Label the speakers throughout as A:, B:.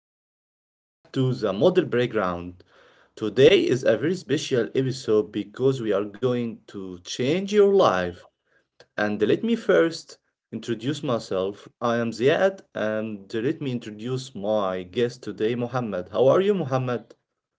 A: and welcome back to the Model Playground. Today is a very special episode because we are going to change your life. And let me first introduce myself. I am Ziad, and let me introduce my guest today, Mohammed. How are you, Mohammed?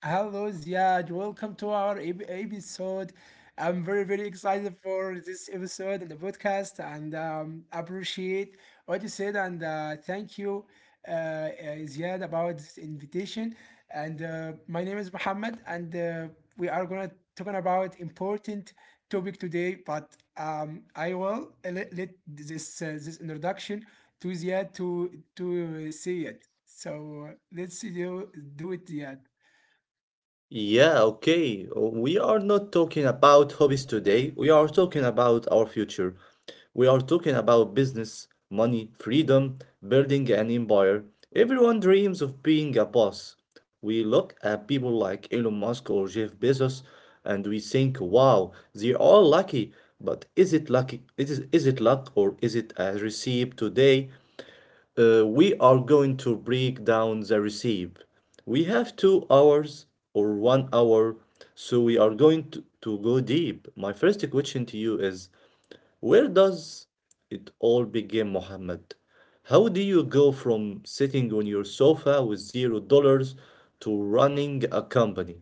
B: Hello, Ziad. Welcome to our episode. I'm very, very excited for this episode and the podcast, and appreciate what you said. And thank you, uh, uh, Ziad, about this invitation. And my name is Mohammed, and we are gonna talking about important topic today. But I will let this this introduction to Ziad to say it. So let's do it, Ziad.
A: Yeah, okay. We are not talking about hobbies today. We are talking about our future. We are talking about business, money, freedom, building an empire. Everyone dreams of being a boss. We look at people like Elon Musk or Jeff Bezos, and we think, wow, they're all lucky. But is it lucky? Is it luck or is it a receipt today? We are going to break down the recipe. We have 2 hours or one hour, so we are going to go deep. My first question to you is, where does it all begin, Mohammed? How do you go from sitting on your sofa with $0 to running a company?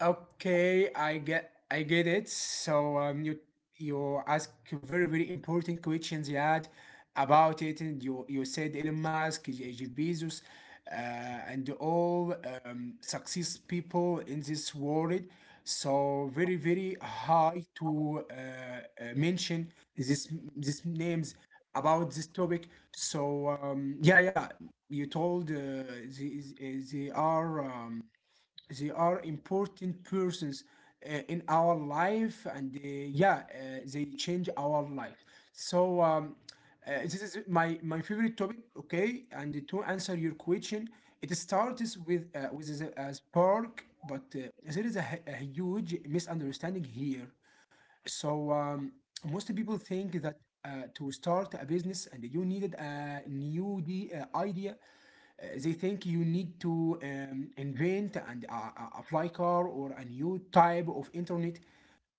B: Okay, I get it. So you ask very very important questions, Yad, about it, and you said Elon Musk, Jeff Bezos, and all success people in this world. So very very hard to mention this names about this topic. So yeah, you told they, they are. They are important persons in our life and yeah they change our life so this is my favorite topic, okay, and to answer your question it starts with a spark but there is a, a huge misunderstanding here. So most people think that to start a business and you needed a new idea. They think you need to invent and apply car or a new type of internet.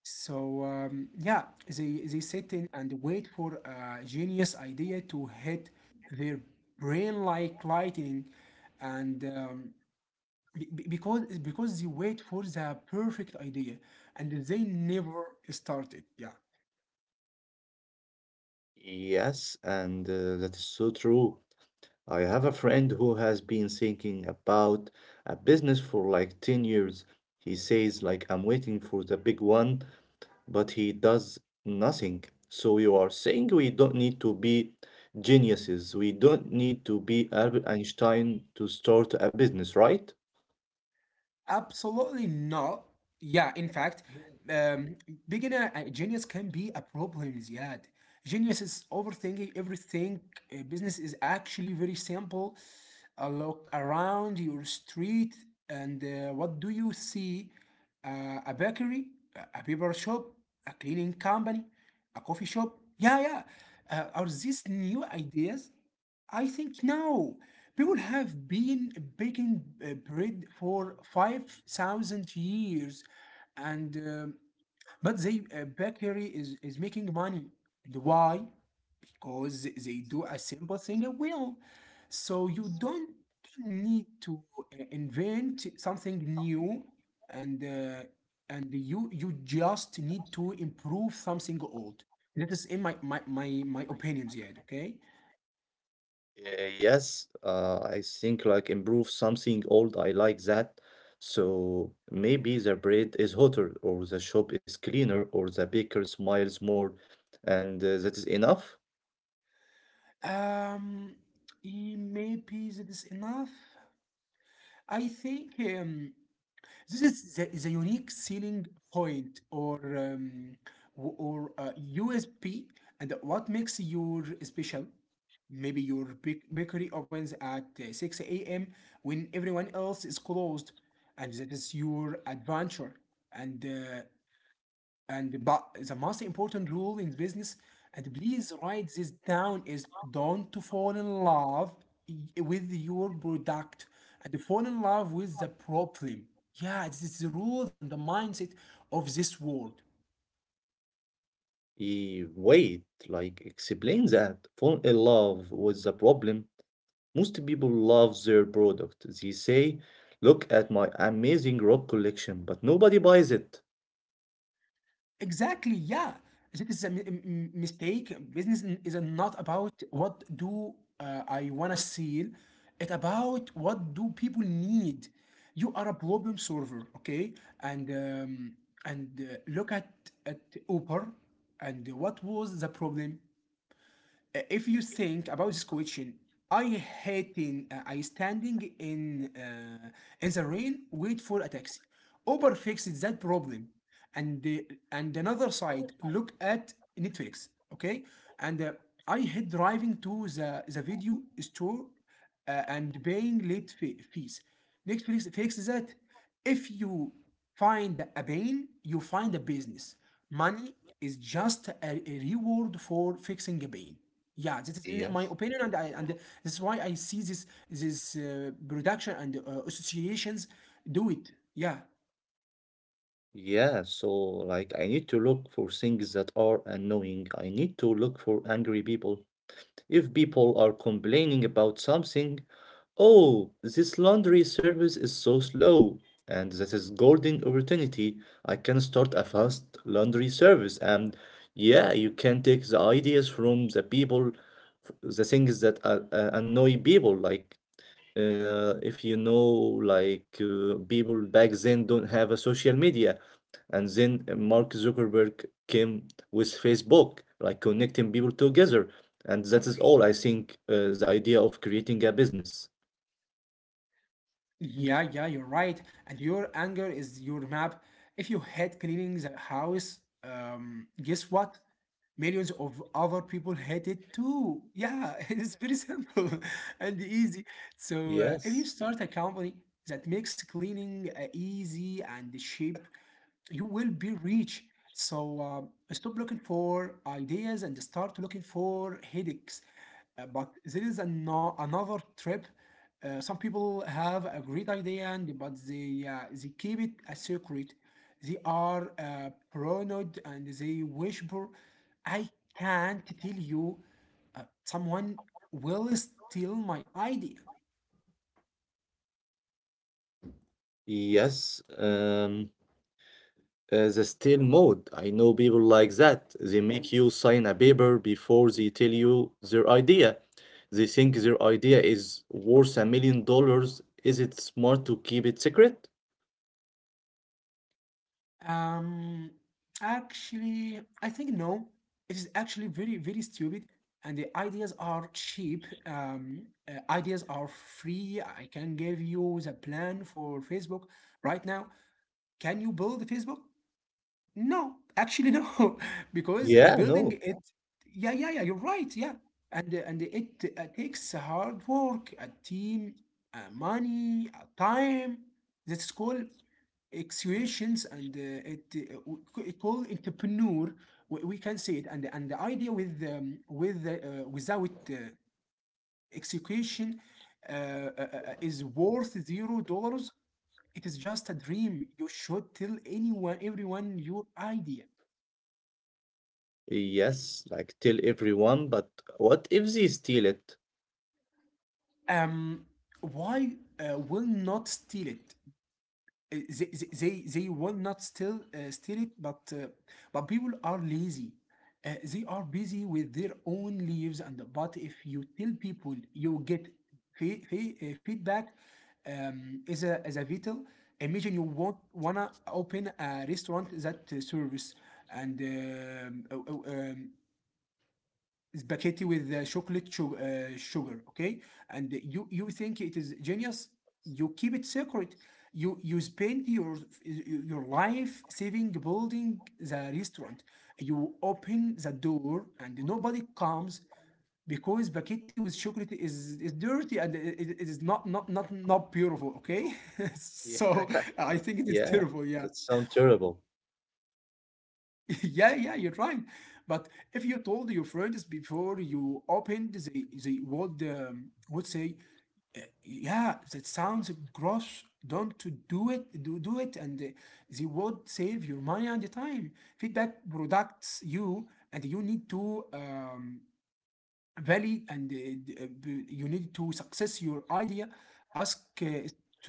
B: So yeah, they sit in and wait for a genius idea to hit their brain like lightning. And be- be- because because they wait for the perfect idea and they never started, yeah.
A: Yes, and that is so true. I have a friend who has been thinking about a business for like 10 years. He says, like, I'm waiting for the big one, but he does nothing. So you are saying we don't need to be geniuses. We don't need to be Albert Einstein to start a business, right?
B: Absolutely not. Yeah, in fact, um, being a genius can be a problem, Ziad. Genius is overthinking everything. Business is actually very simple. A look around your street, and what do you see? A bakery, a paper shop, a cleaning company, a coffee shop. Yeah, yeah. Are these new ideas? I think no. People have been baking bread for 5,000 years, and but they bakery is making money. And why? Because they do a simple thing well. So you don't need to invent something new, and uh, and you just need to improve something old. That is in my opinion, Ziad. Okay.
A: Yes, I think, like, improve something old. I like that. So maybe the bread is hotter, or the shop is cleaner, or the baker smiles more, and that is enough.
B: Um, maybe that is enough. I think this is the unique selling point or USP, and what makes your special. Maybe your bakery opens at 6 a.m. when everyone else is closed, and that is your adventure. And uh, and but the most important rule in business, and please write this down, is don't to fall in love with your product and fall in love with the problem. Yeah, this is the rules and the mindset of this world.
A: Wait, like explain that. Fall in love with the problem. Most people love their product. They say, "Look at my amazing rock collection," but nobody buys it.
B: Exactly, yeah. I think a mistake. Business is not about what do I wanna sell. It's about what do people need. You are a problem solver, okay? And look at Uber, and what was the problem? If you think about this question, I hating I standing in the rain wait for a taxi. Uber fixed that problem, and the, and another side look at Netflix. Okay, and I hate driving to the video store and paying late fees. Netflix fixes that. If you find a pain, you find a business. Money is just a reward for fixing a pain. Yeah, this is in my
A: Yes.
B: opinion, and I, and this is why I see this production and associations do it. Yeah,
A: Yeah, so, like, I need to look for things that are annoying. I need to look for angry people. If people are complaining about something, oh, this laundry service is so slow, and that is golden opportunity. I can start a fast laundry service, and yeah, you can take the ideas from the people, f- the things that annoy people, like if you know, like, people back then don't have a social media, and then Mark Zuckerberg came with Facebook like connecting people together, and that is all, I think, the idea of creating a business.
B: yeah, yeah. You're right, and your anger is your map. If you hate cleaning the house, guess what? Millions of other people hate it too. Yeah, it's very simple and easy. So, if you
A: Yes.
B: start a company that makes cleaning easy and cheap, you will be rich. So, stop looking for ideas and start looking for headaches. But there is another trip. Some people have a great idea, and but they keep it a secret. They are paranoid and they whisper, I can't tell you. Someone will steal my idea.
A: Yes. The stale mode, I know people like that. They make you sign a paper before they tell you their idea. They think their idea is worth $1 million. Is it smart to keep it secret?
B: Um, actually, I think no. It is actually very, very stupid. And the ideas are cheap. Ideas are free. I can give you the plan for Facebook right now. Can you build Facebook? No, actually no, because
A: Yeah, no.
B: building it, yeah, yeah, yeah, you're right, yeah, and it takes hard work, a team, money, time. That's called executions, and it called entrepreneur. We can say it, and the idea with without execution uh, uh, is worth $0. It is just a dream. You should tell anyone, everyone your idea.
A: Yes, like tell everyone, but what if they steal it?
B: um, why will not steal it? They will not steal it, but people are lazy. They are busy with their own lives, and but if you tell people, you get feedback. As a vital, imagine you want wanna open a restaurant that serves and spaghetti with chocolate sugar, okay, and you think it is genius. You keep it secret. You spend your life saving building the restaurant. You open the door and nobody comes, because spaghetti with chocolate is dirty, and it is not not not not beautiful, okay.
A: Yeah.
B: So I think it is
A: Yeah,
B: terrible, yeah.
A: that sounds terrible.
B: yeah, yeah, you're right. But if you told your friends before you opened, they would say, yeah, that sounds gross. Don't to do it. Do it." And they would save your money and the time. Feedback products you, and you need to Valid and d- uh, you need to success your idea. Ask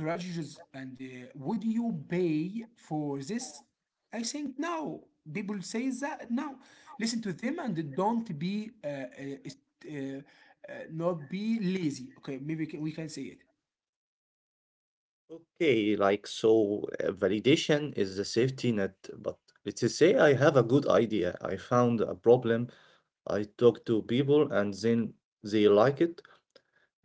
B: strategies and would you pay for this? I think no. People say that no. Listen to them and don't be uh, not be lazy, okay, maybe we can say it.
A: Okay, like, so validation is the safety net, but let's say I have a good idea. I found a problem. I talk to people, and then they like it.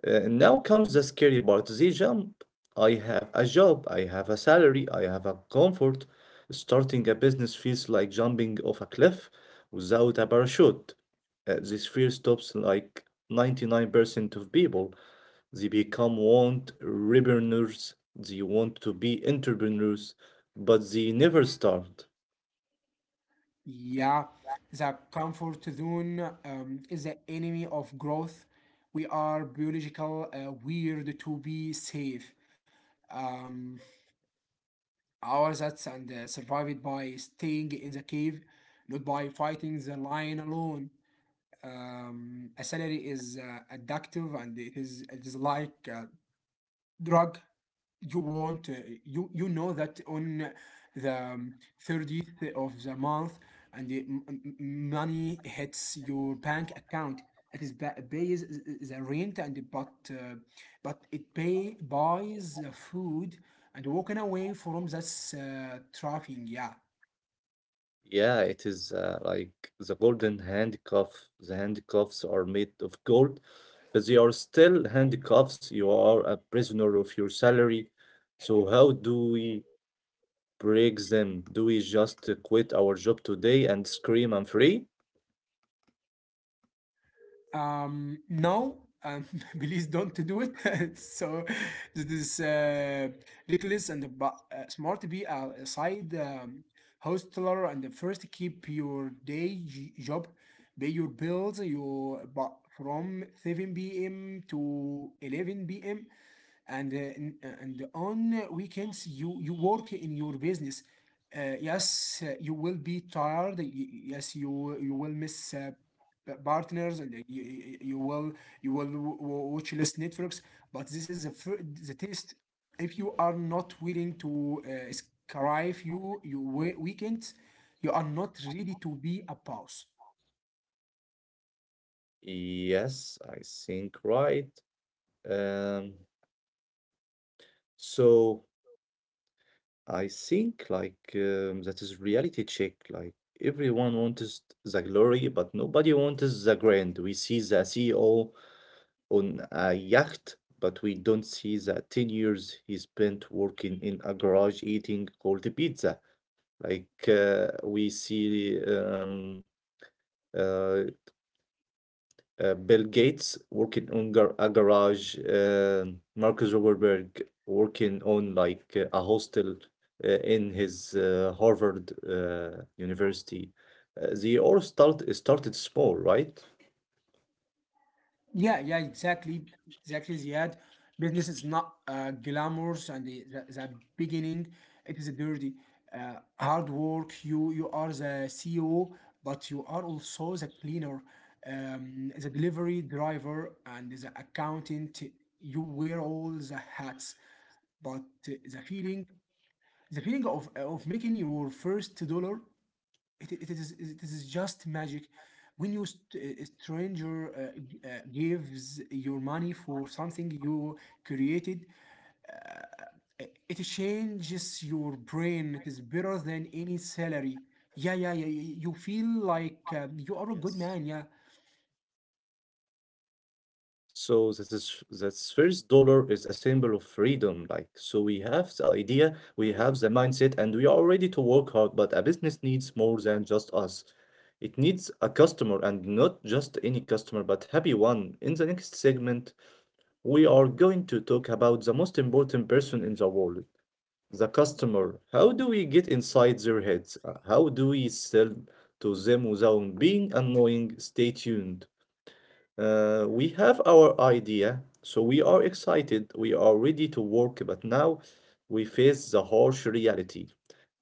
A: Now comes the scary part, the jump. I have a job, I have a salary, I have a comfort. Starting a business feels like jumping off a cliff without a parachute. This fear stops like 99% of people. They become want entrepreneurs, they want to be entrepreneurs, but they never start.
B: Yeah, the comfort zone is the enemy of growth. We are biological weird to be safe. um, Our Zats and survived by staying in the cave, not by fighting the lion alone. A salary is addictive and it is like a drug. You want you you know that on the 30th of the month and the money hits your bank account. It is pays the rent and but it pay buys the food, and walking away from this traffic, yeah.
A: Yeah, it is, like, the golden handcuff. The handcuffs are made of gold, but they are still handcuffs. You are a prisoner of your salary. So how do we break them? Do we just quit our job today and scream, I'm free?
B: No, um, please don't do it. So this is reckless and smart. Be a side hustler and first keep your day job, pay your bills. You but from 7 p.m. to 11 p.m and uh, and on weekends you work in your business. Yes you will be tired, yes you you will miss partners and you will watch less networks. But this is the the test. If you are not willing to scrive you your weekends, you are not ready to be a boss.
A: Yes, I think right. Um, so I think, like, that is reality check. Like, everyone wants the glory, but nobody wants the grind. We see the CEO on a yacht, but we don't see the 10 years he spent working in a garage eating cold pizza. Like, we see uh, Bill Gates working on gar a garage, Mark Zuckerberg working on like a hostel in his Harvard University. They all start started small, right?
B: Yeah, yeah, exactly, exactly, Ziad. Business is not glamorous, and the beginning it is dirty, hard work. You are the CEO, but you are also the cleaner, the delivery driver, and the accountant. You wear all the hats, but uh, the feeling, the feeling of making your first dollar, it is just magic. When you a stranger gives your money for something you created, uh, it changes your brain. It is better than any salary. Yeah, yeah, yeah, you feel like you are a good man,
A: Yes.
B: yeah.
A: So this, is this first dollar is a symbol of freedom. Like, so we have the idea, we have the mindset, and we are ready to work hard. But a business needs more than just us. It needs a customer, and not just any customer, but happy one. In the next segment, we are going to talk about the most important person in the world, the customer. How do we get inside their heads? How do we sell to them without being annoying? Stay tuned. We have our idea, so we are excited, we are ready to work, but now we face the harsh reality.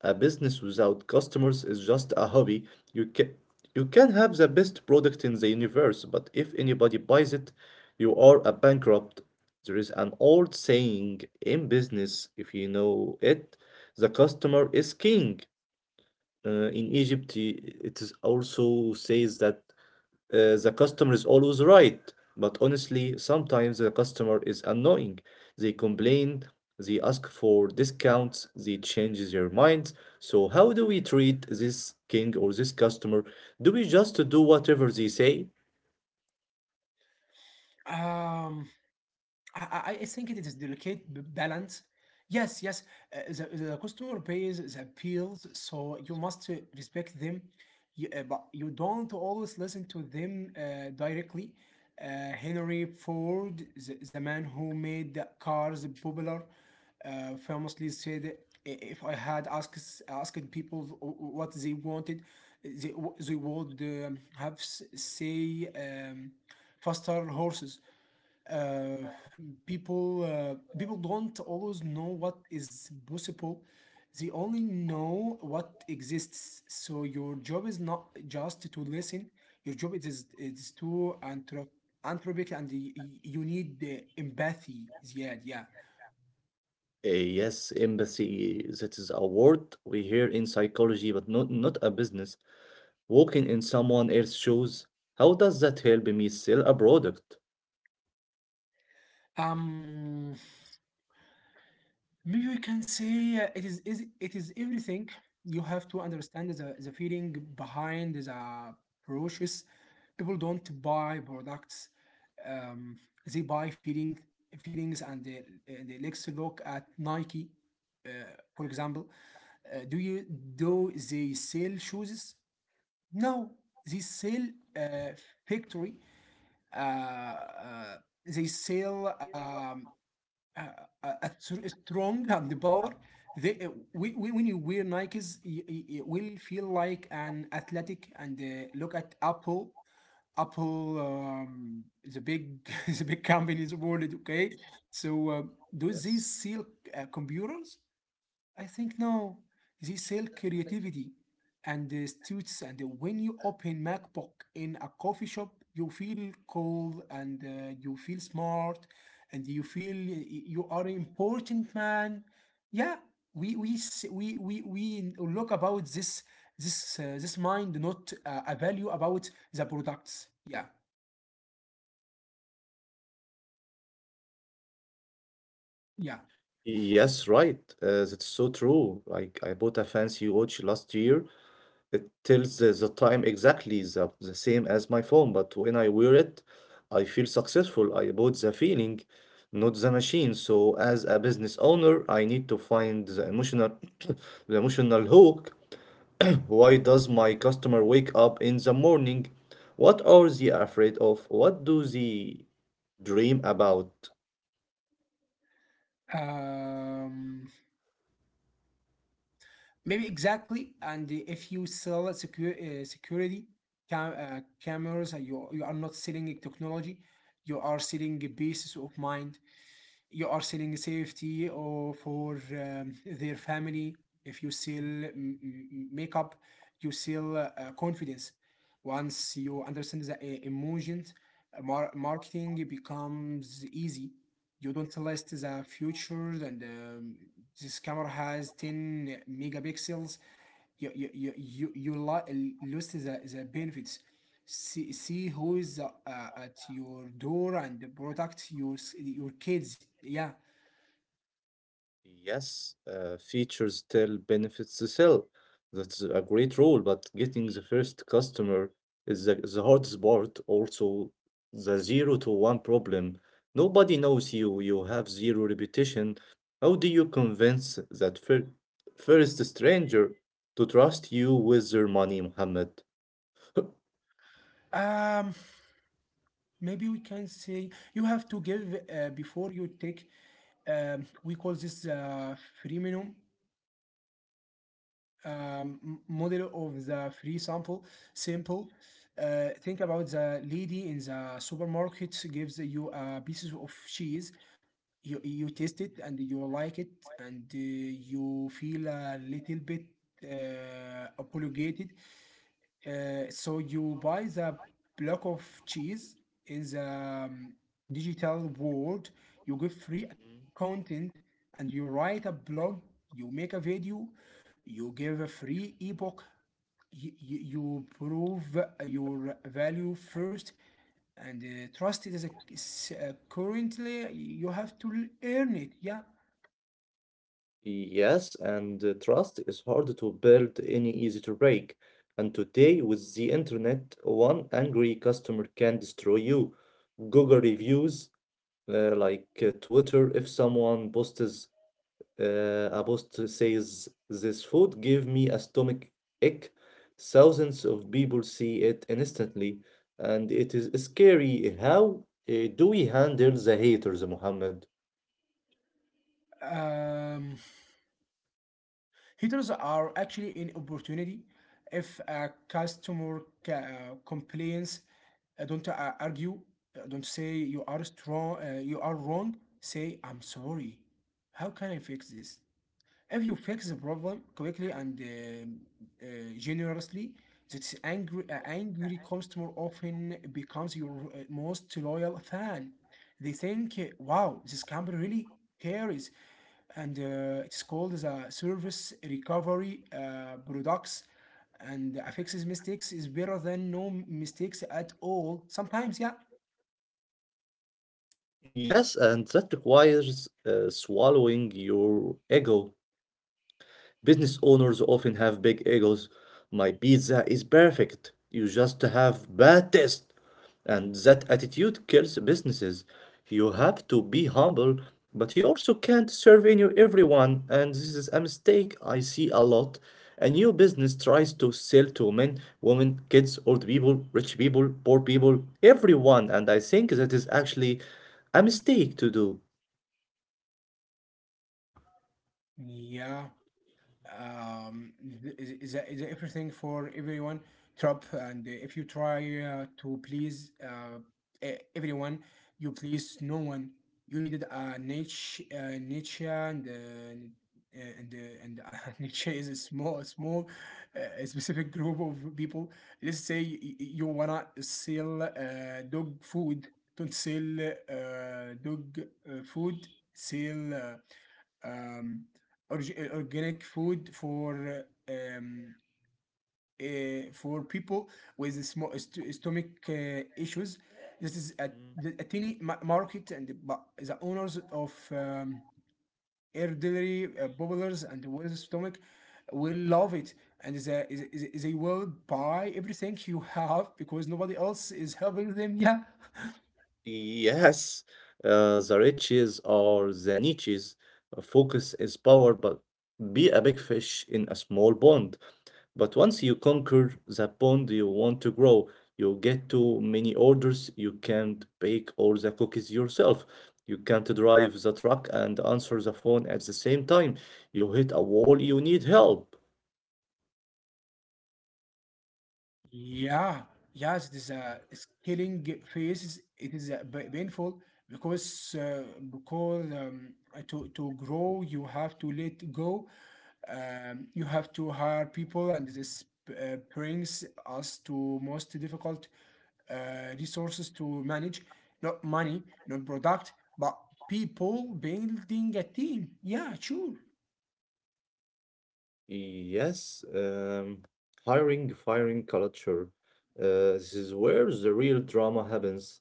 A: A business without customers is just a hobby. You can you can have the best product in the universe, but if anybody buys it, you are a bankrupt. There is an old saying in business, if you know it, the customer is king. In Egypt, it is also says that the customer is always right, but honestly, sometimes the customer is annoying. They complain, they ask for discounts, they change their minds. So, how do we treat this king or this customer? Do we just do whatever they say?
B: um I I think it is delicate balance. Yes, yes. The customer pays the bills, so you must respect them. But you don't always listen to them directly. Uh, Henry Ford, the man who made the cars popular, famously said, if I had asked people what they wanted, they, they would have say faster horses." uh, people don't always know what is possible. They only know what exists. So your job is not just to listen, your job it is to anthropic, and you need the empathy, yeah, yeah.
A: Yes, empathy, that is a word we hear in psychology, but not a business. Walking in someone else's shoes, how does that help me sell a product?
B: um maybe we can say it is everything. You have to understand the feeling behind the purchase. People don't buy products; um, they buy feelings, and the let's look at Nike, uh, for example. Uh, do you do they sell shoes? No, they sell uh, factory. Uh, uh, they sell a, a strong and power. When you wear Nikes, it will feel like an athletic. And look at Apple. Apple, the big the big companies world. Okay, so do
A: Yes.
B: these sell computers? I think now they sell creativity and students. And when you open MacBook in a coffee shop, you feel cool and you feel smart and you feel you are important man. Yeah, we look about this this mind, not a value about the products. Yeah, yeah.
A: Yes, right. That's so true. Like, I bought a fancy watch last year. It tells the time exactly the same as my phone, but when I wear it, I feel successful. I bought the feeling, not the machine. So as a business owner, I need to find the emotional the emotional hook. Why does my customer wake up in the morning? What are they afraid of? What do they dream about?
B: Um, Maybe exactly. And if you sell a secure, security cameras, you are not selling a technology. You are selling a basis of mind. You are selling safety or for their family. If you sell makeup, you sell confidence. Once you understand the emotions, marketing becomes easy. You don't list the features and this camera has 10 megapixels. You lost the benefits. See, see who is at your door and protect your kids. Yeah.
A: Yes, features still benefits the sell. That's a great rule, but getting the first customer is the hardest part. Also, the zero to one problem. Nobody knows you, you have zero reputation. How do you convince that first stranger to trust you with their money, Muhammad?
B: um Maybe we can say you have to give before you take. We call this freemium, model of the free sample sample. Think about the lady in the supermarket gives you a pieces of cheese. You taste it and you like it, and you feel a little bit apologetic, so you buy the block of cheese in the digital world. You give free content, and you write a blog. You make a video. You give a free ebook. You prove your value first, and trust, it is a, is, currently you have to earn it. Yeah.
A: Yes, and trust is hard to build and easy to break. And today, with the internet, one angry customer can destroy you. Google reviews, like Twitter, if someone posts a post says, this food give me a stomach ache, thousands of people see it instantly. And it is scary. How do we handle the haters, Muhammad?
B: Um, Haters are actually an opportunity. If a customer complains, don't argue, don't say you are strong, you are wrong. Say I'm sorry. How can I fix this? If you fix the problem quickly and uh, generously, that angry, angry customer often becomes your most loyal fan. They think, wow, this company really cares. And it's called the service recovery products. And a fixes mistakes is better than no mistakes at all. Sometimes, yeah.
A: Yes, and that requires swallowing your ego. Business owners often have big egos. My pizza is perfect. You just have bad taste. And that attitude kills businesses. You have to be humble, but you also can't serve any everyone, and this is a mistake I see a lot. A new business tries to sell to men, women, kids, old people, rich people, poor people, everyone, and I think that is actually a mistake to do.
B: Yeah. um, is everything for everyone trap. And if you try to please everyone, you please no one. You needed a niche, niche, and niche is a small small a specific group of people. Let's say you wanna sell dog food. Don't sell dog food. Sell um, organic food for people with small stomach issues. This is a tiny market, and but the owners of elderly bubblers and with stomach will love it, and they will buy everything you have because nobody else is helping them. Yeah.
A: Yes, the riches or the niches, focus is power, but be a big fish in a small pond. But once you conquer the pond you want to grow, you get too many orders, you can't bake all the cookies yourself. You can't drive the truck and answer the phone at the same time. You hit a wall, you need help.
B: Yeah, yes, it is a scaling phase. It is painful because to grow you have to let go. You have to hire people, and this brings us to most difficult resources to manage. Not money, not product, but people building a team. Yeah, sure.
A: Yes, hiring, firing culture. This is where the real drama happens.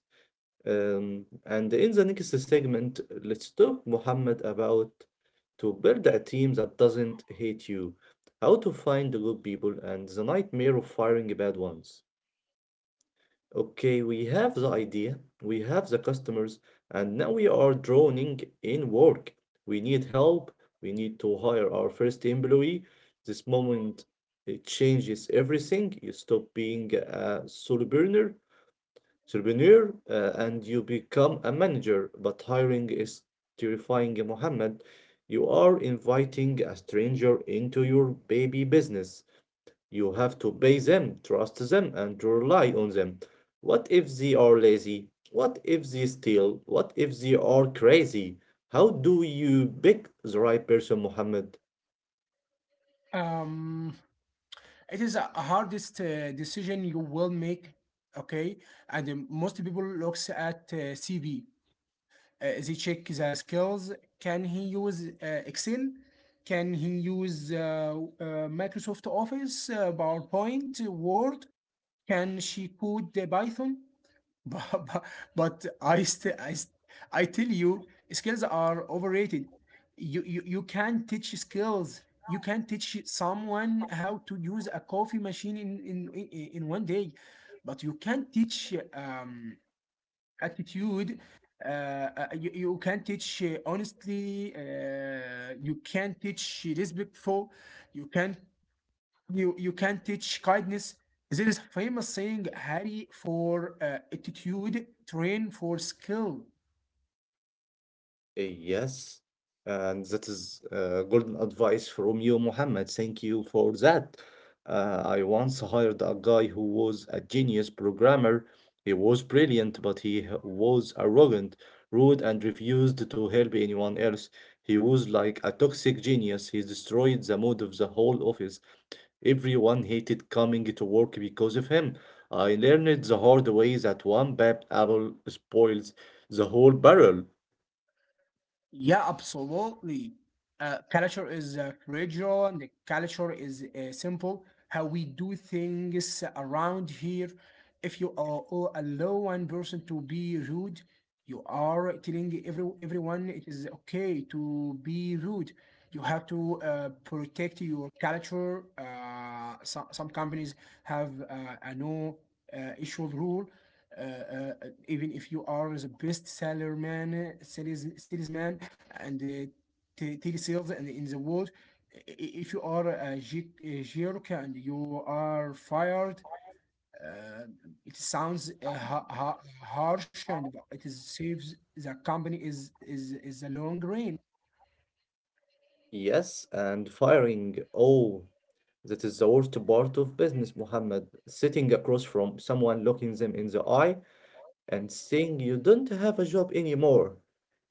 A: And in the next segment, let's talk, Muhammad, about to build a team that doesn't hate you, how to find the good people, and the nightmare of firing bad ones. Okay, we have the idea, we have the customers, and now we are droning in work. We need help, we need to hire our first employee. This moment, it changes everything. You stop being a solo burner entrepreneur and you become a manager, but hiring is terrifying, Mohammed. You are inviting a stranger into your baby business. You have to pay them, trust them, and rely on them. What if they are lazy? What if they steal? What if they are crazy? How do you pick the right person, Mohammed?
B: Um, It is a hardest decision you will make, okay? And most people looks at CV. They check the skills. Can he use Excel? Can he use Microsoft Office, PowerPoint, Word? Can she code Python? but, but but I still I tell you skills are overrated. You can't teach skills. You can't teach someone how to use a coffee machine in one day, but you can't teach attitude. You can teach honestly. You can teach respectful. You can you can teach kindness. There is famous saying, "Harry for attitude, train for skill."
A: Yes, and that is golden advice from you, Mohammed. Thank you for that. I once hired a guy who was a genius programmer. He was brilliant, but was arrogant, rude, and refused to help anyone else. He was like a toxic genius. He destroyed the mood of the whole office. Everyone hated coming to work because of him. I learned the hard way that one bad apple spoils the whole barrel.
B: Yeah, absolutely. Culture is fragile, and the culture is simple. How we do things around here. If you allow one person to be rude, you are telling everyone it is okay to be rude. You have to protect your culture. Some companies have a no issue rule, uh, uh, even if you are the best salesman, salesman, and telesales and in the world, if you are a a jerk, and you are fired, uh, it sounds harsh, and it is saves the company is is a long rain.
A: Yes, and firing. Oh, that is the worst part of business, Muhammad. Sitting across from someone, looking them in the eye, and saying you don't have a job anymore.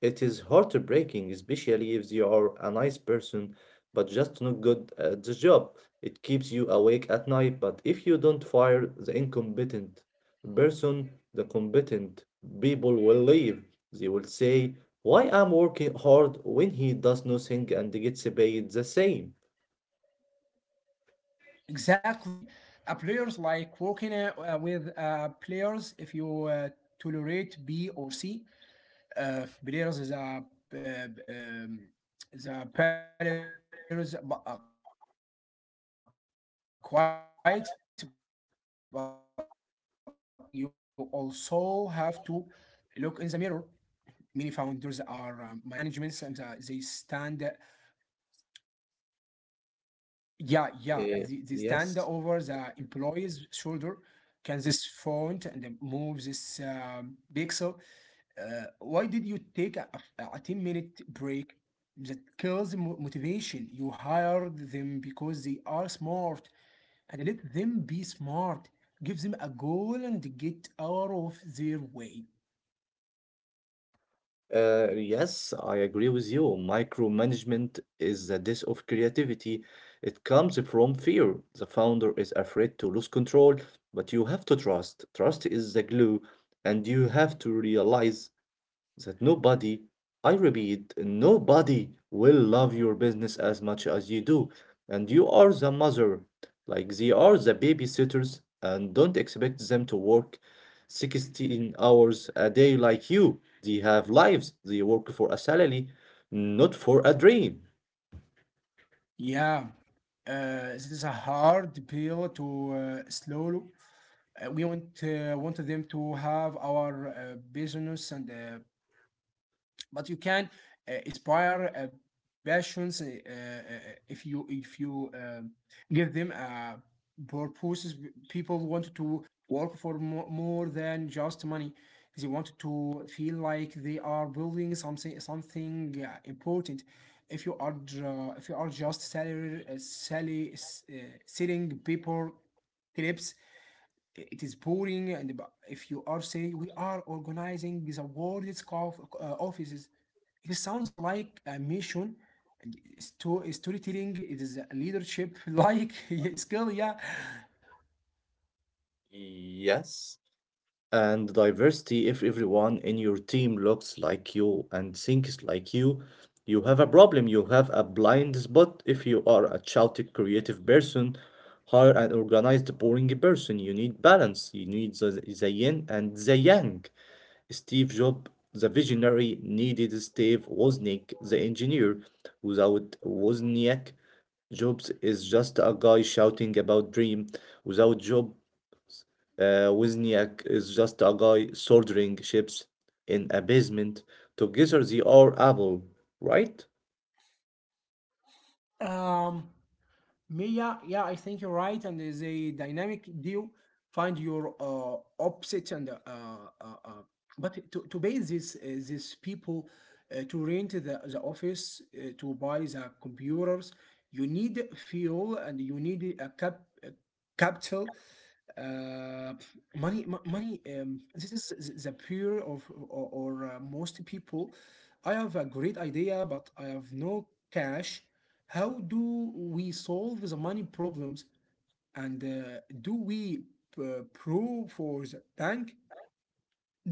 A: It is heartbreaking, especially if you are a nice person but just not good at the job. It keeps you awake at night, but if you don't fire the incompetent person, the competent people will leave. They will say, why I'm working hard when he does nothing and gets paid the same?
B: Exactly, a players like working with players. If you uh, tolerate B or C, players that are, uh, um, the players are quiet, but you also have to look in the mirror. Are you a good boss? Many founders are my micromanagements, and they stand. Uh, yeah, yeah,
A: Eh,
B: they stand
A: yes.
B: over the employee's shoulder. Can this font and then move this pixel? Why did you take a 10-minute minute break? That kills the motivation. You hired them because they are smart, and let them be smart. Give them a goal and get out of their way.
A: Yes, I agree with you. Micromanagement is the death of creativity. It comes from fear. The founder is afraid to lose control, but you have to trust. Trust is the glue, and you have to realize that nobody, I repeat, nobody will love your business as much as you do. And you are the mother, like they are the babysitters, and don't expect them to work 16 hours a day like you. They have lives, they work for a salary, not for a dream.
B: Yeah, this is a hard pill to swallow. Want them to have our business, and but you can inspire passions if you give them purposes. People want to work for more, more than just money. They want to feel like they are building something important. If you are just salary, selling paper clips, it is boring. And if you are saying we are organizing the world's offices, it sounds like a mission, and it's to storytelling, it is a leadership like skill. Yeah.
A: Yes. And diversity. If everyone in your team looks like you and thinks like you have a problem. You have a blind spot. If you are a chaotic creative person, hire an organized boring person. You need balance, you need the yin and the yang. Steve Jobs the visionary needed Steve Wozniak the engineer. Without Wozniak, jobs is just a guy shouting about dream. Without job, Wozniak is just a guy soldering chips in a basement. Together they are Apple, right?
B: um yeah, yeah, I think you're right. And there's a dynamic deal. Find your opposite, and but to pay this these people to rent the office, to buy the computers, you need fuel, and you need a capital. Uh, money, money. This is the pure of or most people. I have a great idea, but I have no cash. How do we solve the money problems? And do we pro for the bank?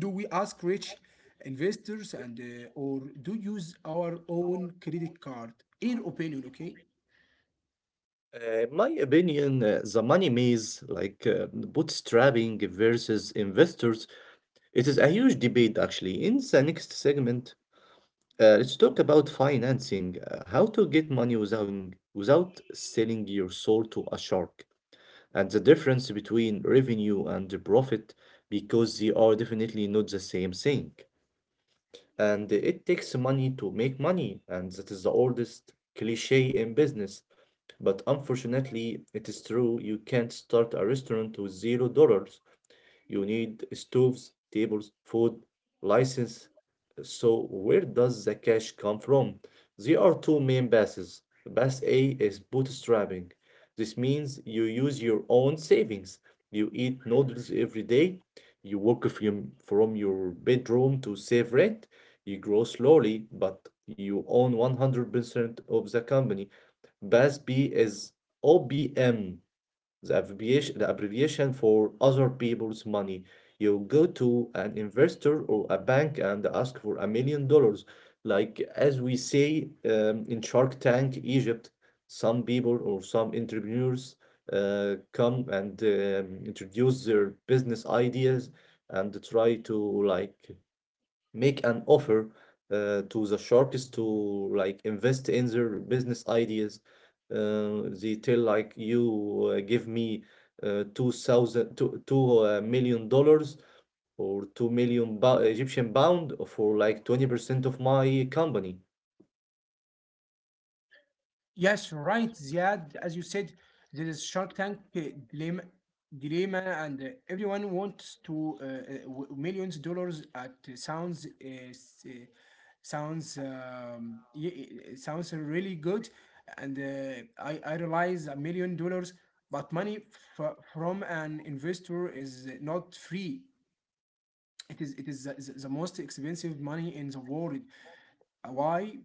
B: Do we ask rich investors, and or do use our own credit card? In your opinion, okay?
A: In my opinion, the money maze, like bootstrapping versus investors, it is a huge debate actually. In the next segment, let's talk about financing, how to get money without selling your soul to a shark, and the difference between revenue and profit, because they are definitely not the same thing. And it takes money to make money, and that is the oldest cliche in business. But unfortunately, it is true you can't start a restaurant with $0. You need stoves, tables, food, license. So where does the cash come from? There are two main passes. Pass A is bootstrapping. This means you use your own savings. You eat noodles every day. You work from your bedroom to save rent. You grow slowly, but you own 100% of the company. Pass B is OBM, the abbreviation for other people's money. You go to an investor or a bank and ask for $1 million. Like, as we say, in Shark Tank Egypt, some people or some entrepreneurs come and introduce their business ideas and try to like make an offer to the sharks to like invest in their business ideas. They tell like you give me 2,002 million dollars or 2 million ba- Egyptian pound for like 20% of my company.
B: Yes, right, Ziad. As you said, there is Shark Tank dilemma, dilemma, and everyone wants to millions dollars at sounds s- sounds y- sounds really good, and I realize $1 million, but money from an investor is not free. It is the most expensive money in the world. Why?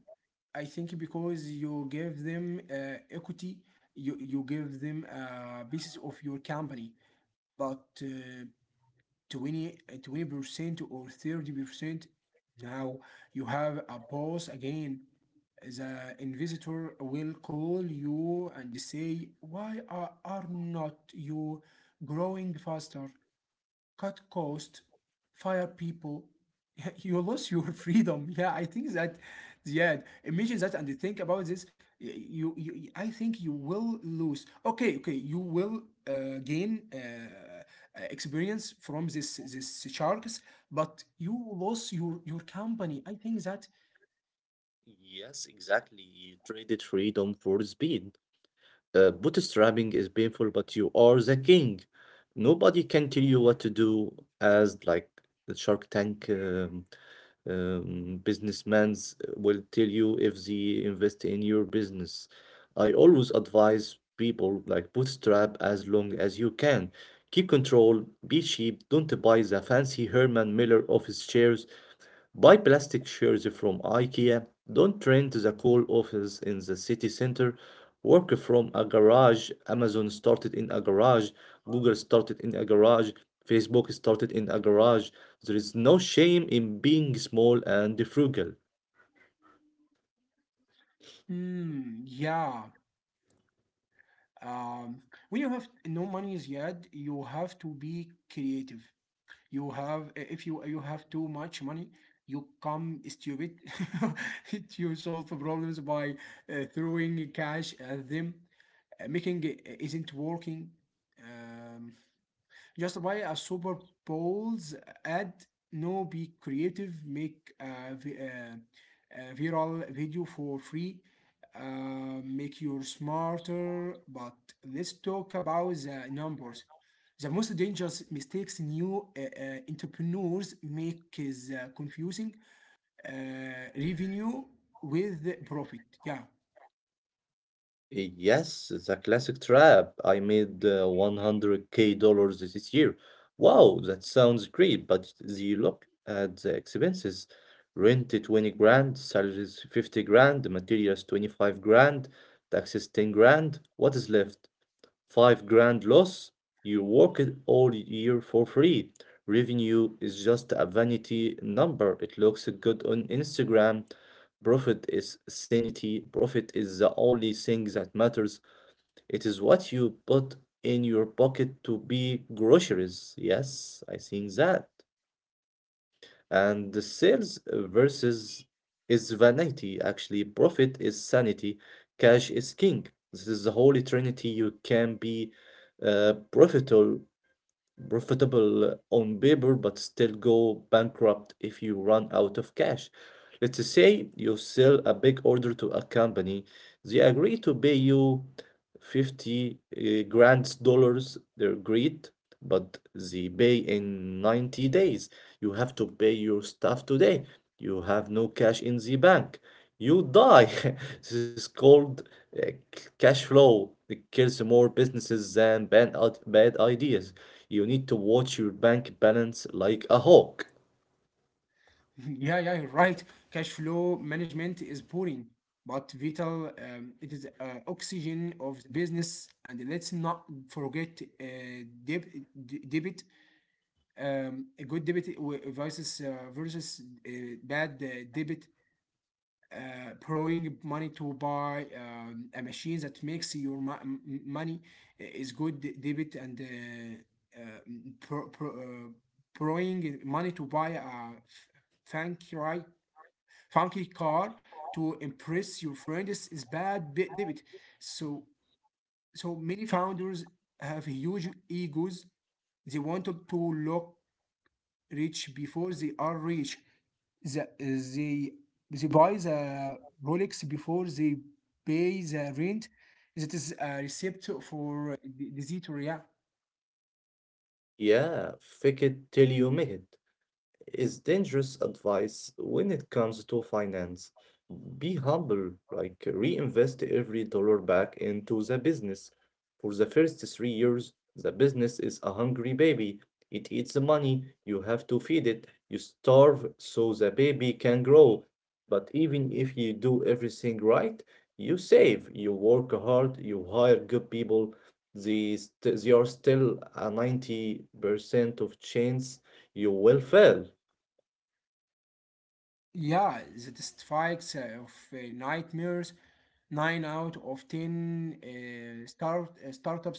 B: I think because you give them equity, you give them pieces of your company, but 20% or 30% now you have a boss again. The investor will call you and say, why are not you growing faster? Cut cost, fire people. You lose your freedom. Yeah, I think that. Yeah, imagine that and think about this. I think you will lose. Okay, okay, you will gain experience from this sharks, but you lose your company. I think that.
A: Yes, exactly. You traded freedom for speed. Bootstrapping is painful, but you are the king. Nobody can tell you what to do, as like the Shark Tank businessmen will tell you if they invest in your business. I always advise people like bootstrap as long as you can. Keep control, be cheap, don't buy the fancy Herman Miller office chairs. Buy plastic chairs from IKEA. Don't rent the cool office in the city center. Work from a garage. Amazon started in a garage. Google started in a garage. Facebook started in a garage. There is no shame in being small and frugal.
B: Mm, yeah. Um, when you have no money yet, you have to be creative. You have if you you have too much money, you come stupid. You solve problems by throwing cash at them. Making it isn't working, um, just buy a Super Bowl's ad. No, be creative. Make a viral video for free. Make you smarter. But let's talk about the numbers. The most dangerous mistakes new entrepreneurs make is confusing uh, revenue with profit. Yeah.
A: Yes, it's a classic trap. I made 100K dollars this year. Wow, that sounds great, but the look at the expenses. Rent is 20 grand, salaries 50 grand, materials 25 grand, taxes 10 grand. What is left? 5 grand loss, you work it all year for free. Revenue is just a vanity number. It looks good on Instagram. Profit is sanity. Profit is the only thing that matters. It is what you put in your pocket to be groceries. Yes, I think that. And the sales versus is vanity, actually. Profit is sanity. Cash is king. This is the holy trinity. You can be uh, profitable, profitable on paper, but still go bankrupt if you run out of cash. Let's say you sell a big order to a company. They agree to pay you 50 grand dollars. They agreed but they pay in 90 days. You have to pay your stuff today. You have no cash in the bank. You die. This is called cash flow. It kills more businesses than bad ideas. You need to watch your bank balance like a hawk.
B: Yeah, yeah, you're right. Cash flow management is boring, but vital. It is oxygen of the business, and let's not forget deb debit. A good debit versus uh, bad debit. Borrowing money to buy a machine that makes your money is good debit, and pro- pro- uh, borrowing money to buy Thank you, right? Funky car to impress your friends is bad bit debit. So so many founders have huge egos. They want to look rich before they are rich. The, they they buy the Rolex before they pay the rent. That is a recipe for disaster. Yeah.
A: Yeah, fake it till you make it is dangerous advice when it comes to finance. Be humble, like reinvest every dollar back into the business. For the first 3 years, the business is a hungry baby. It eats the money, you have to feed it, you starve so the baby can grow. But even if you do everything right, you save, you work hard, you hire good people, they are still a 90% of chance you will fail.
B: Yeah, that strikes of nightmares. Nine out of ten startups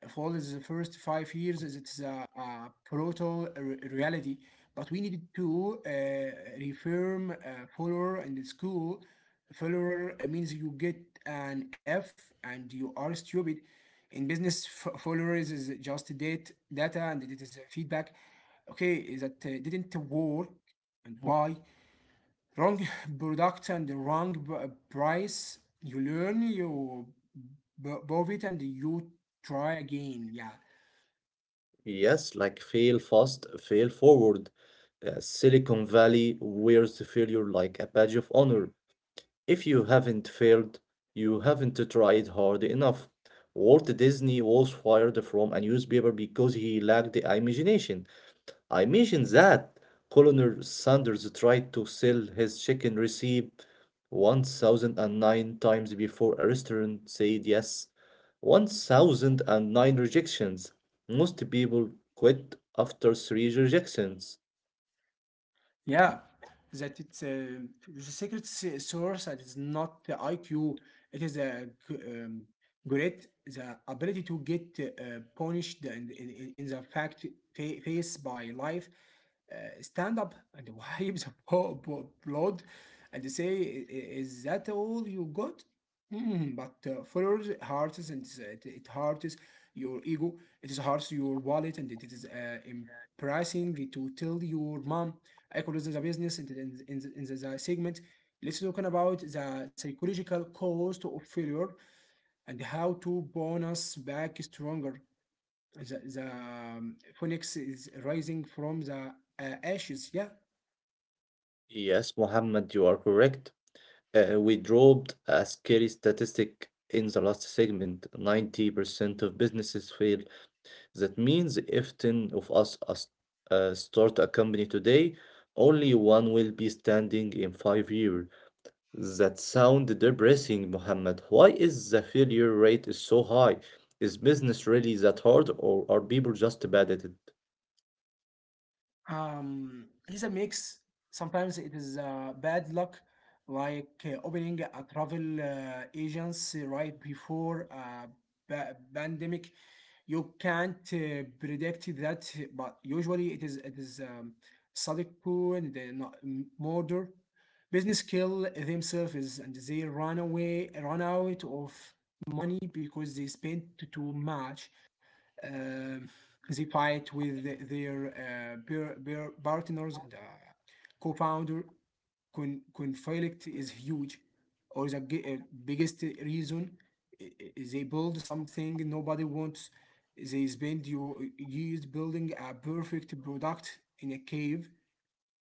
B: fall in the first 5 years. It is a brutal reality, but we needed to reform follower and the school. Follower means you get an F and you are stupid. In business, followers is just date data and it is feedback. Okay, that didn't work and why? Wrong product and the wrong price. You learn, you b- it, and you try again. Yeah,
A: Yes, like fail fast, fail forward. Silicon Valley wears the failure like a badge of honor. If you haven't failed, you haven't tried hard enough. Walt Disney was fired from a newspaper because he lacked imagination. I mentioned that Colonel Sanders tried to sell his chicken recipe 1009 times before a restaurant said yes. 1009 rejections. Most people quit after three rejections.
B: yeah, that it's the secret source. That is not the IQ, it is a great the ability to get punished and in the face by life, stand up and wipe the blood and say, "I- is that all you got?" But followers hurts and it hurts your ego, it is hurts your wallet, and it is embarrassing to tell your mom. I call this a business in, the- in, the- in, the, in the the segment. Let's talk about the psychological cost of failure and how to bonus back stronger. The phoenix is rising from the ashes. Yeah.
A: Yes, Mohammed, you are correct. We dropped a scary statistic in the last segment. 90% of businesses fail. That means if 10 of us start a company today, only one will be standing in 5 years. That sound depressing, Mohammed. Why is the failure rate is so high? Is business really that hard, or are people just bad at it?
B: It's a mix. Sometimes it is bad luck, like opening a travel agency right before a pandemic. You can't predict that, but usually it is Sadiq and the murder. Business kill themselves and they run away, run out of money because they spent too much. Um, they fight with the- their peer partners. The co-founder conflict is huge, or the biggest reason, they build something nobody wants. They spend your years building a perfect product in a cave,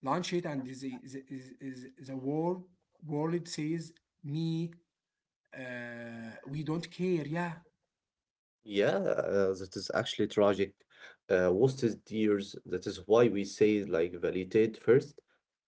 B: launch it, and the world says, "Me, we don't care." Yeah,
A: Yeah, that is actually tragic. Wasted years, that is why we say like validate first.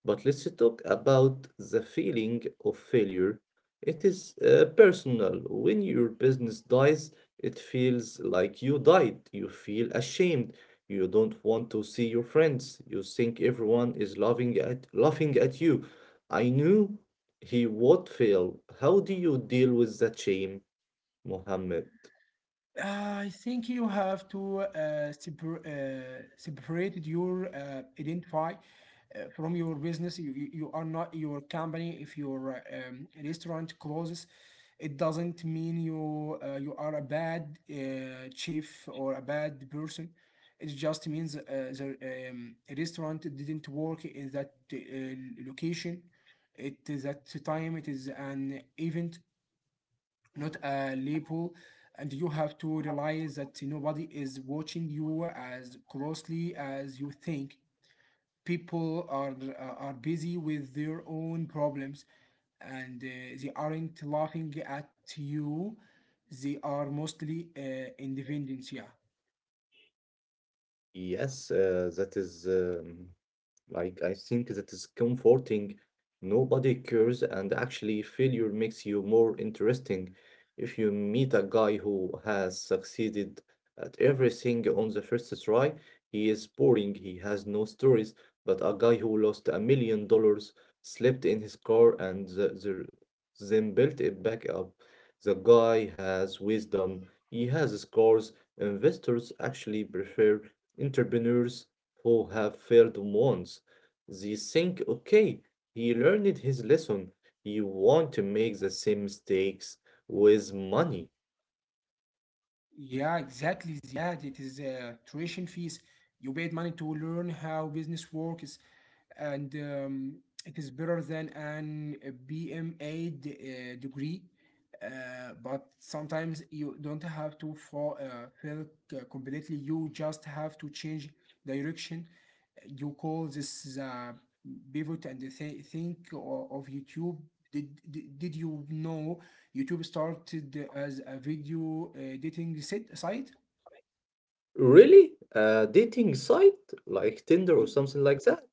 A: But let's talk about the feeling of failure. It is personal. When your business dies, it feels like you died. You feel ashamed. You don't want to see your friends. You think everyone is laughing at you. I knew he would fail. How do you deal with that shame, Mohammed?
B: I think you have to separate your identify from your business. You, you are not your company. If your restaurant closes, it doesn't mean you are a bad chief or a bad person. It just means the restaurant didn't work in that location. It is at the time. It is an event, not a lepo, and you have to realize that nobody is watching you as closely as you think. People are busy with their own problems, and they aren't laughing at you, they are mostly independent. Yeah,
A: Yes, that is like, I think that is comforting. Nobody cares, and actually, failure makes you more interesting. If you meet a guy who has succeeded at everything on the first try, he is boring, he has no stories. But a guy who lost $1 million, slept in his car, and then built it back up, the guy has wisdom, he has scores. Investors actually prefer entrepreneurs who have failed once. They think, okay, he learned his lesson. He won't make the same mistakes with money.
B: yeah, exactly. Yeah, it is tuition fees. You paid money to learn how business works, and it is better than an BMA degree. But sometimes you don't have to fall, fail completely. You just have to change direction. You call this pivot. And think of YouTube. Did you know YouTube started as a video site?
A: Really? A dating site like Tinder or something like that?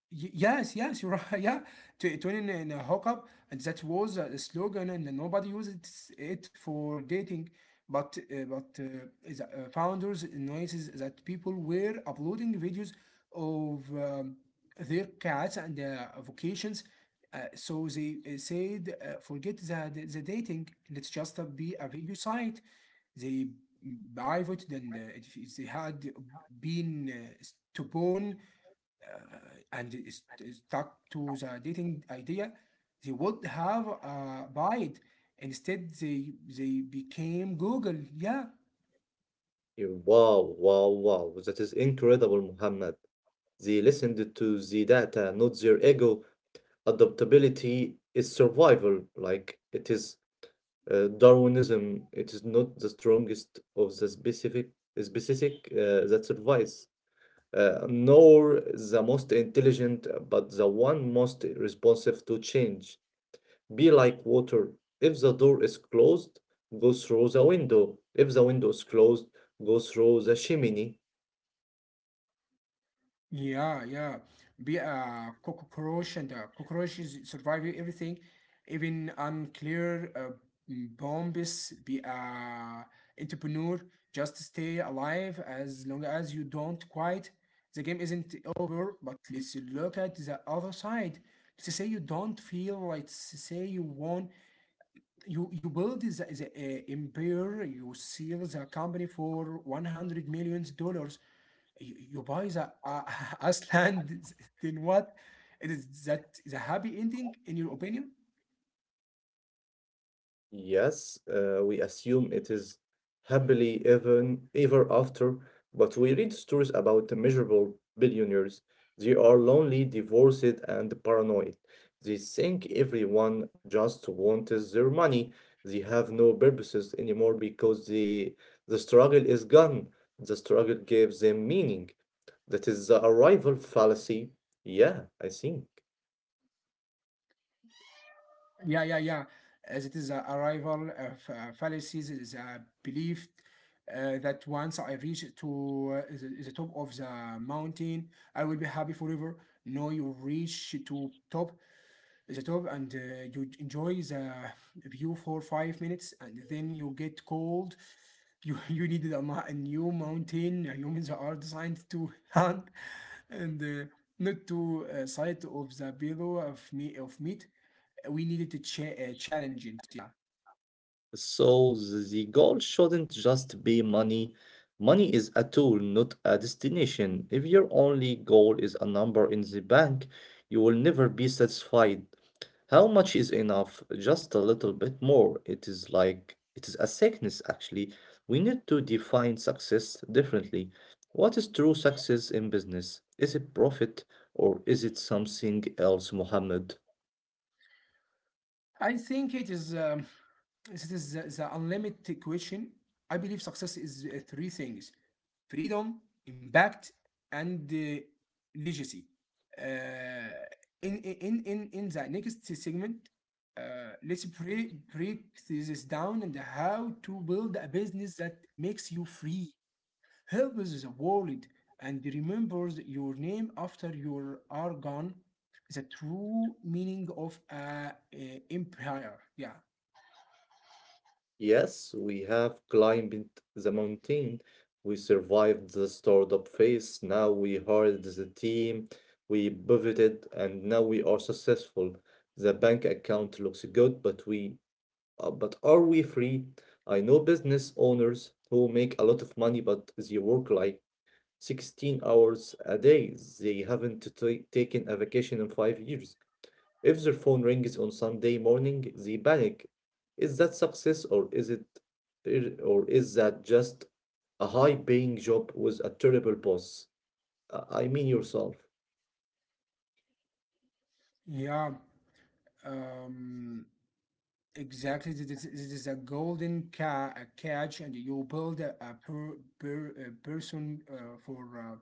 B: Yes, you're right. Yeah, in a hookup, and that was a slogan, and nobody uses it for dating. But the founders notices that people were uploading videos of their cats and vacations. So they said, forget the dating. Let's just be a video site. They private, and if they had been stubborn and is stuck to the dating idea, they would have buy it. Instead, they became Google. Yeah.
A: Yeah. Wow, wow, wow. That is incredible, Muhammad. They listened to the data, not their ego. Adaptability is survival. Like it is Darwinism. It is not the strongest of the specific that survives. Nor the most intelligent, but the one most responsive to change. Be like water. If the door is closed, go through the window. If the window is closed, go through the chimney.
B: Yeah, yeah. Be a cockroach, and cockroaches survive everything, even unclear bombs. Be a entrepreneur. Just stay alive. As long as you don't quit, the game isn't over. But let's look at the other side. Let's say you don't feel, like, let's say you won. You build the empire. You sell the company for one hundred millions dollars. You buy the Iceland. Then what? It is that the happy ending in your opinion?
A: Yes, we assume it is happily even ever after, but we read stories about miserable billionaires. They are lonely, divorced, and paranoid. They think everyone just wants their money. They have no purposes anymore because the struggle is gone. The struggle gave them meaning. That is the arrival fallacy. Yeah, I think.
B: Yeah yeah yeah as it is a arrival of fallacies. It is a belief that once I reach to the top of the mountain, I will be happy forever. No, you reach to top, the top, and you enjoy the view for 5 minutes, and then you get cold. You you needed a new mountain. Uh, humans are designed to hunt and not to sight of the below of me of meat. We needed to challenge it. Yeah,
A: So the goal shouldn't just be money. Money is a tool, not a destination. If your only goal is a number in the bank, you will never be satisfied. How much is enough? Just a little bit more. It is like it is a sickness actually. We need to define success differently. What is true success in business? Is it profit or is it something else, Muhammad?
B: I think it is this is the unlimited question. I believe success is three things: freedom, impact, and legacy. Uh, in the next segment, let's break this down and how to build a business that makes you free, helps the world, and remembers your name after you are gone. The true meaning of a empire. Yeah,
A: Yes, we have climbed the mountain. We survived the startup up phase. Now we hired the team. We pivoted, and now we are successful. The bank account looks good, but are we free? I know business owners who make a lot of money, but they work like 16 hours a day. They haven't taken a vacation in 5 years. If their phone rings on Sunday morning, they panic. Is that success or is that just a high-paying job with a terrible boss? I mean yourself.
B: yeah. Um, exactly, this is a golden a catch, and you build a person for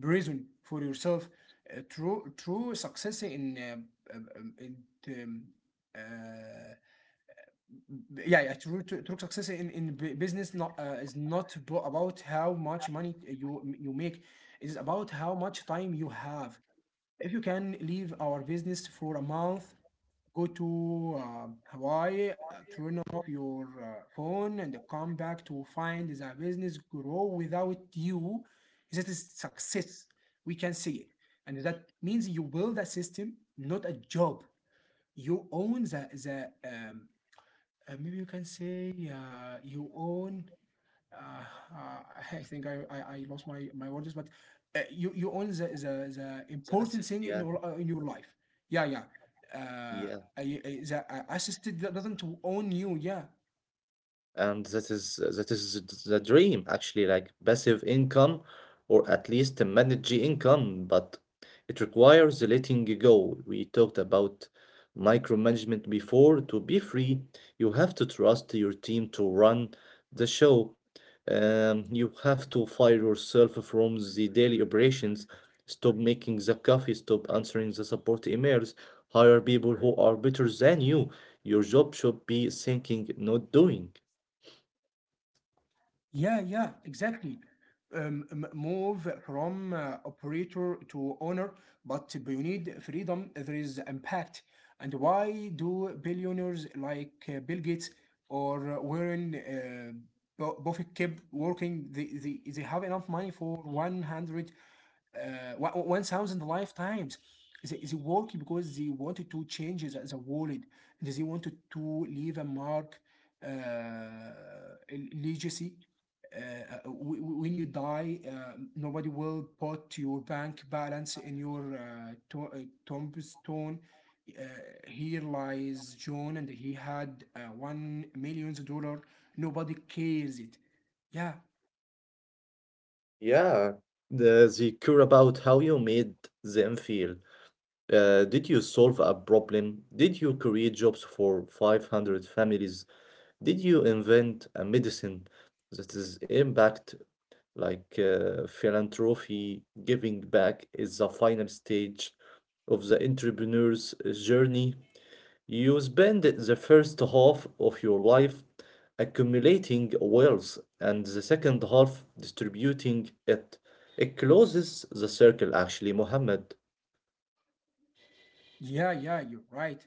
B: prison for yourself. True success in um, uh, yeah, yeah, true, true, true success in business not is not about how much money you make. It is about how much time you have. If you can leave our business for a month, go to Hawaii, turn off your phone, and come back to find the business grow without you, that is success. We can see it. And that means you build a system, not a job. You own the maybe you can say you own uh, uh, I think I lost my words, but you own the
A: The
B: important
A: assist,
B: thing
A: yeah,
B: in your life. Yeah, yeah. Uh,
A: yeah.
B: the doesn't own you. Yeah,
A: And that is the dream, actually, like passive income, or at least a managed income. But it requires the letting go we talked about. Micromanagement before, to be free, you have to trust your team to run the show. You have to fire yourself from the daily operations. Stop making the coffee. Stop answering the support emails. Hire people who are better than you. Your job should be thinking, not doing.
B: yeah, yeah, exactly. Move from operator to owner. But beyond freedom, there is impact. And why do billionaires like Bill Gates or Warren Buffett keep working? They, they have enough money for 100, uh, 1,000 lifetimes. They work because they wanted to change the world. And they wanted to leave a mark, a legacy. uh, uh, w- when you die, nobody will put your bank balance in your tombstone. Uh, here lies John, and he had $1 million. Nobody cares it. Yeah,
A: Yeah, they care about how you made them feel. Did you solve a problem? Did you create jobs for 500 families? Did you invent a medicine? That is impact. Like philanthropy, giving back is the final stage of the entrepreneur's journey. You spend the first half of your life accumulating wealth and the second half distributing it. It closes the circle, actually, Mohammed.
B: yeah, yeah. You're right.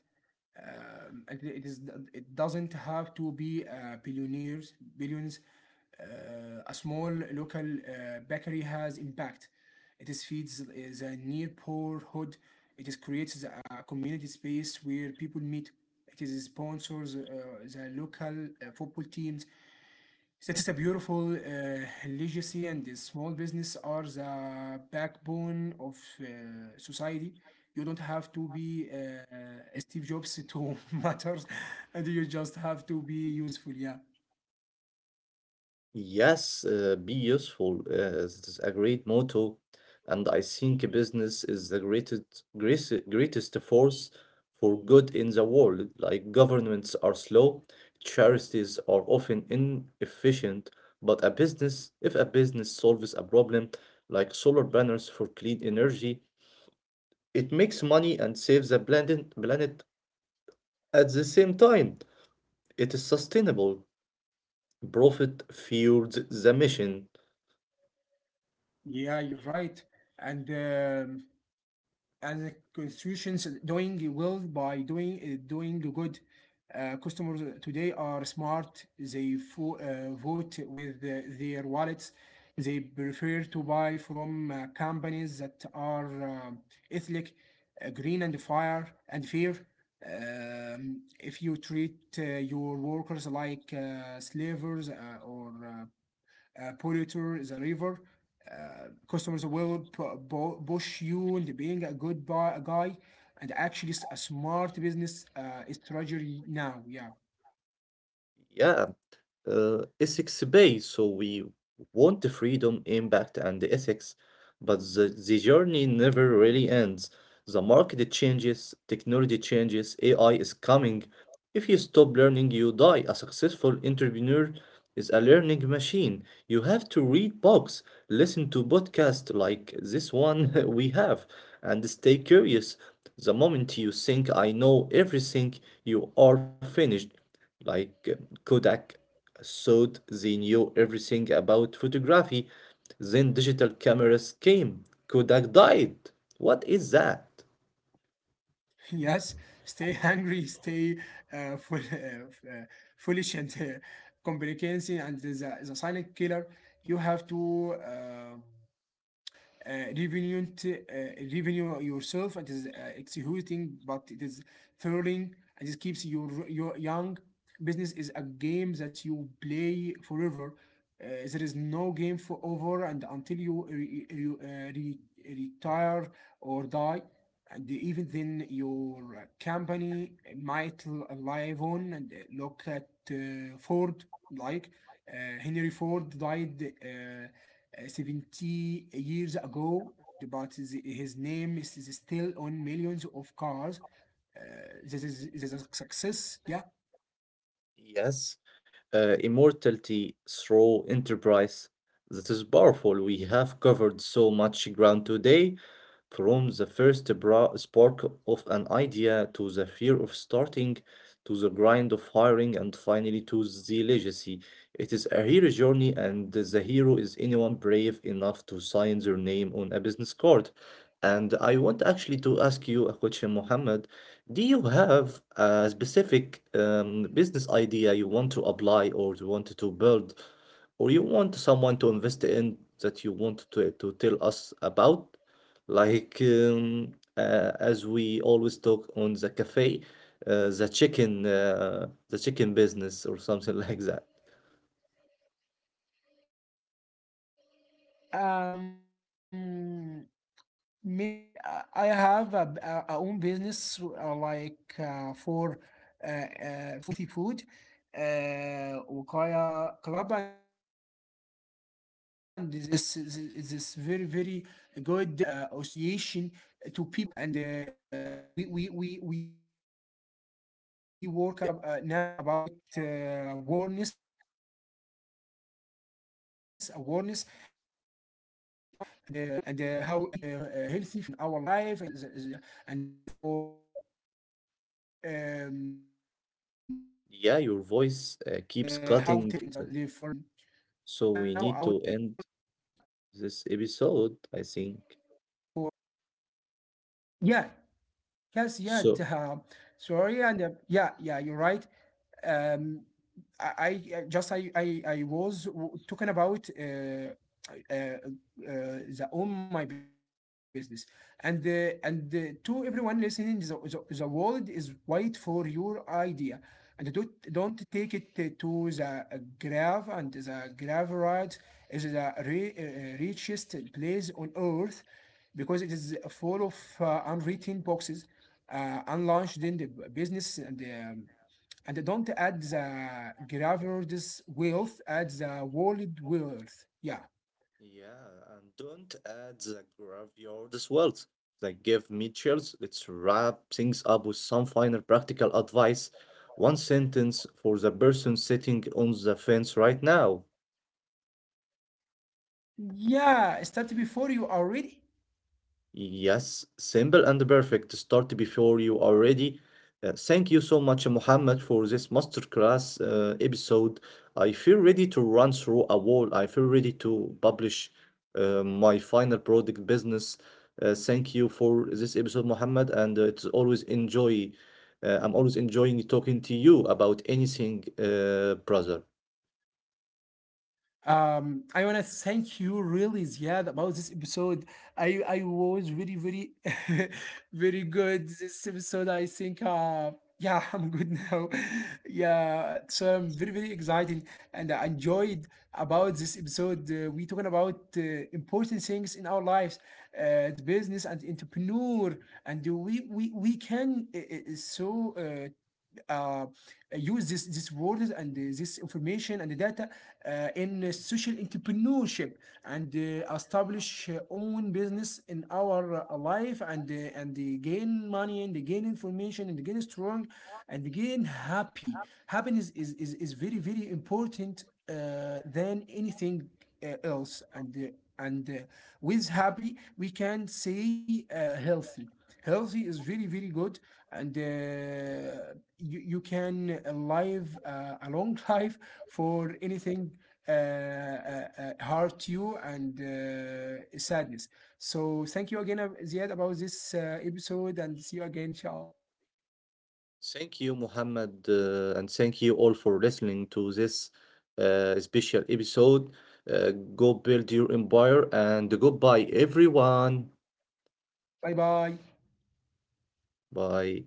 B: It is. It doesn't have to be billionaires. Billions. Uh, a small local bakery has impact. It is feeds the near poor hood. It is creates a community space where people meet. It is sponsors the local football teams. That is a beautiful legacy, and the small business are the backbone of uh, society. You don't have to be Steve Jobs to matter, and you just have to be useful. Yeah.
A: Yes, be useful. This is a great motto, and I think business is the greatest, greatest, greatest force for good in the world. Like governments are slow, charities are often inefficient, but a business, if a business solves a problem like solar panels for clean energy, it makes money and saves the planet at the same time. It is sustainable. Profit fuels the mission.
B: Yeah, you're right. And um, and the constitutions doing well by doing doing good. Customers today are smart. They vote with their wallets. They prefer to buy from companies that are um, ethnic, green, and fire and fair. If you treat your workers like slavers or polluter is a river, customers will push you into being a good guy. And actually a smart business strategy now. Yeah.
A: Yeah, ethics based, so we want the freedom, impact, and the ethics. But the journey never really ends. The market changes, technology changes, AI is coming. If you stop learning, you die. A successful entrepreneur is a learning machine. You have to read books, listen to podcasts like this one we have, and stay curious. The moment you think I know everything, you are finished. Like Kodak thought they knew everything about photography, then digital cameras came. Kodak died. What is that?
B: Yes, stay hungry, stay uh, full, uh, f- uh, foolish, and complicancing and the silent killer. You have to. Uh, revenant, uh, Revenue yourself. It is exhausting, but it is thrilling, and it keeps your young. Business is a game that you play forever. There is no game for over and until you re- retire or die. And even then, your company might live on. And look at Ford, like Henry Ford died 70 years ago, but name is still on millions of cars. Uh, this is a success. Yeah.
A: Yes, immortality through enterprise. That is powerful. We have covered so much ground today. From the first bra spark of an idea to the fear of starting, to the grind of hiring, and finally to the legacy. It is a hero journey, and the hero is anyone brave enough to sign their name on a business card. And I want actually to ask you a question, Mohammed. Do you have a specific business idea you want to apply or you want to build, or you want someone to invest in that you want to tell us about? Like as we always talk on the cafe, the chicken business or something like that.
B: Um, maybe I have a own business like for food, healthy food, uh, Waqaya Club, and this is this very very good association to people, and we work now about uh, awareness and how to eat healthy food in our life and and for um, yeah,
A: Yeah, your voice keeps cutting, so we need to end this episode, I think.
B: yeah, yes, yeah.
A: So
B: Sorry. And yeah, yeah, you're right. Um, I just I was talking about the own my business. And and to everyone listening, the world is wide for your idea, and don't take it to the grave. And the grave right is the richest place on earth because it is full of unwritten boxes, unlaunched in the business. And and don't add the graveyard's wealth, add the world wealth. Yeah.
A: yeah, and don't add the graveyard swells that give me chills. Let's wrap things up with some final practical advice. One sentence for the person sitting on the fence right now.
B: Yeah, start before you are ready.
A: Yes, simple and perfect. Start before you are ready. Thank you so much, Muhammad, for this masterclass episode. I feel ready to run through a wall. I feel ready to publish my final product business. Thank you for this episode, Muhammad, and it's always enjoy. I'm always enjoying talking to you about anything, brother.
B: I wanna thank you really, Ziad, about this episode. I was very very very good this episode. I think uh, yeah. I'm good now. Yeah, so I'm very very excited, and I enjoyed about this episode. We talking about important things in our lives, it's business and entrepreneur, and we can so. Uh, Use this words and this information and the data in social entrepreneurship, and establish own business in our life. And and they gain money, and they gain information, and they gain strong, and they gain happy. Happiness is very very important than anything else. And and with happy we can say healthy. Healthy is very very good, and you, you can live a long life for anything uh, uh, hurt you and sadness. So thank you again, Ziad, about this episode, and see you again. Ciao.
A: Thank you, Muhammad, and thank you all for listening to this special episode. Go build your empire and goodbye, everyone.
B: Bye bye.
A: Bye.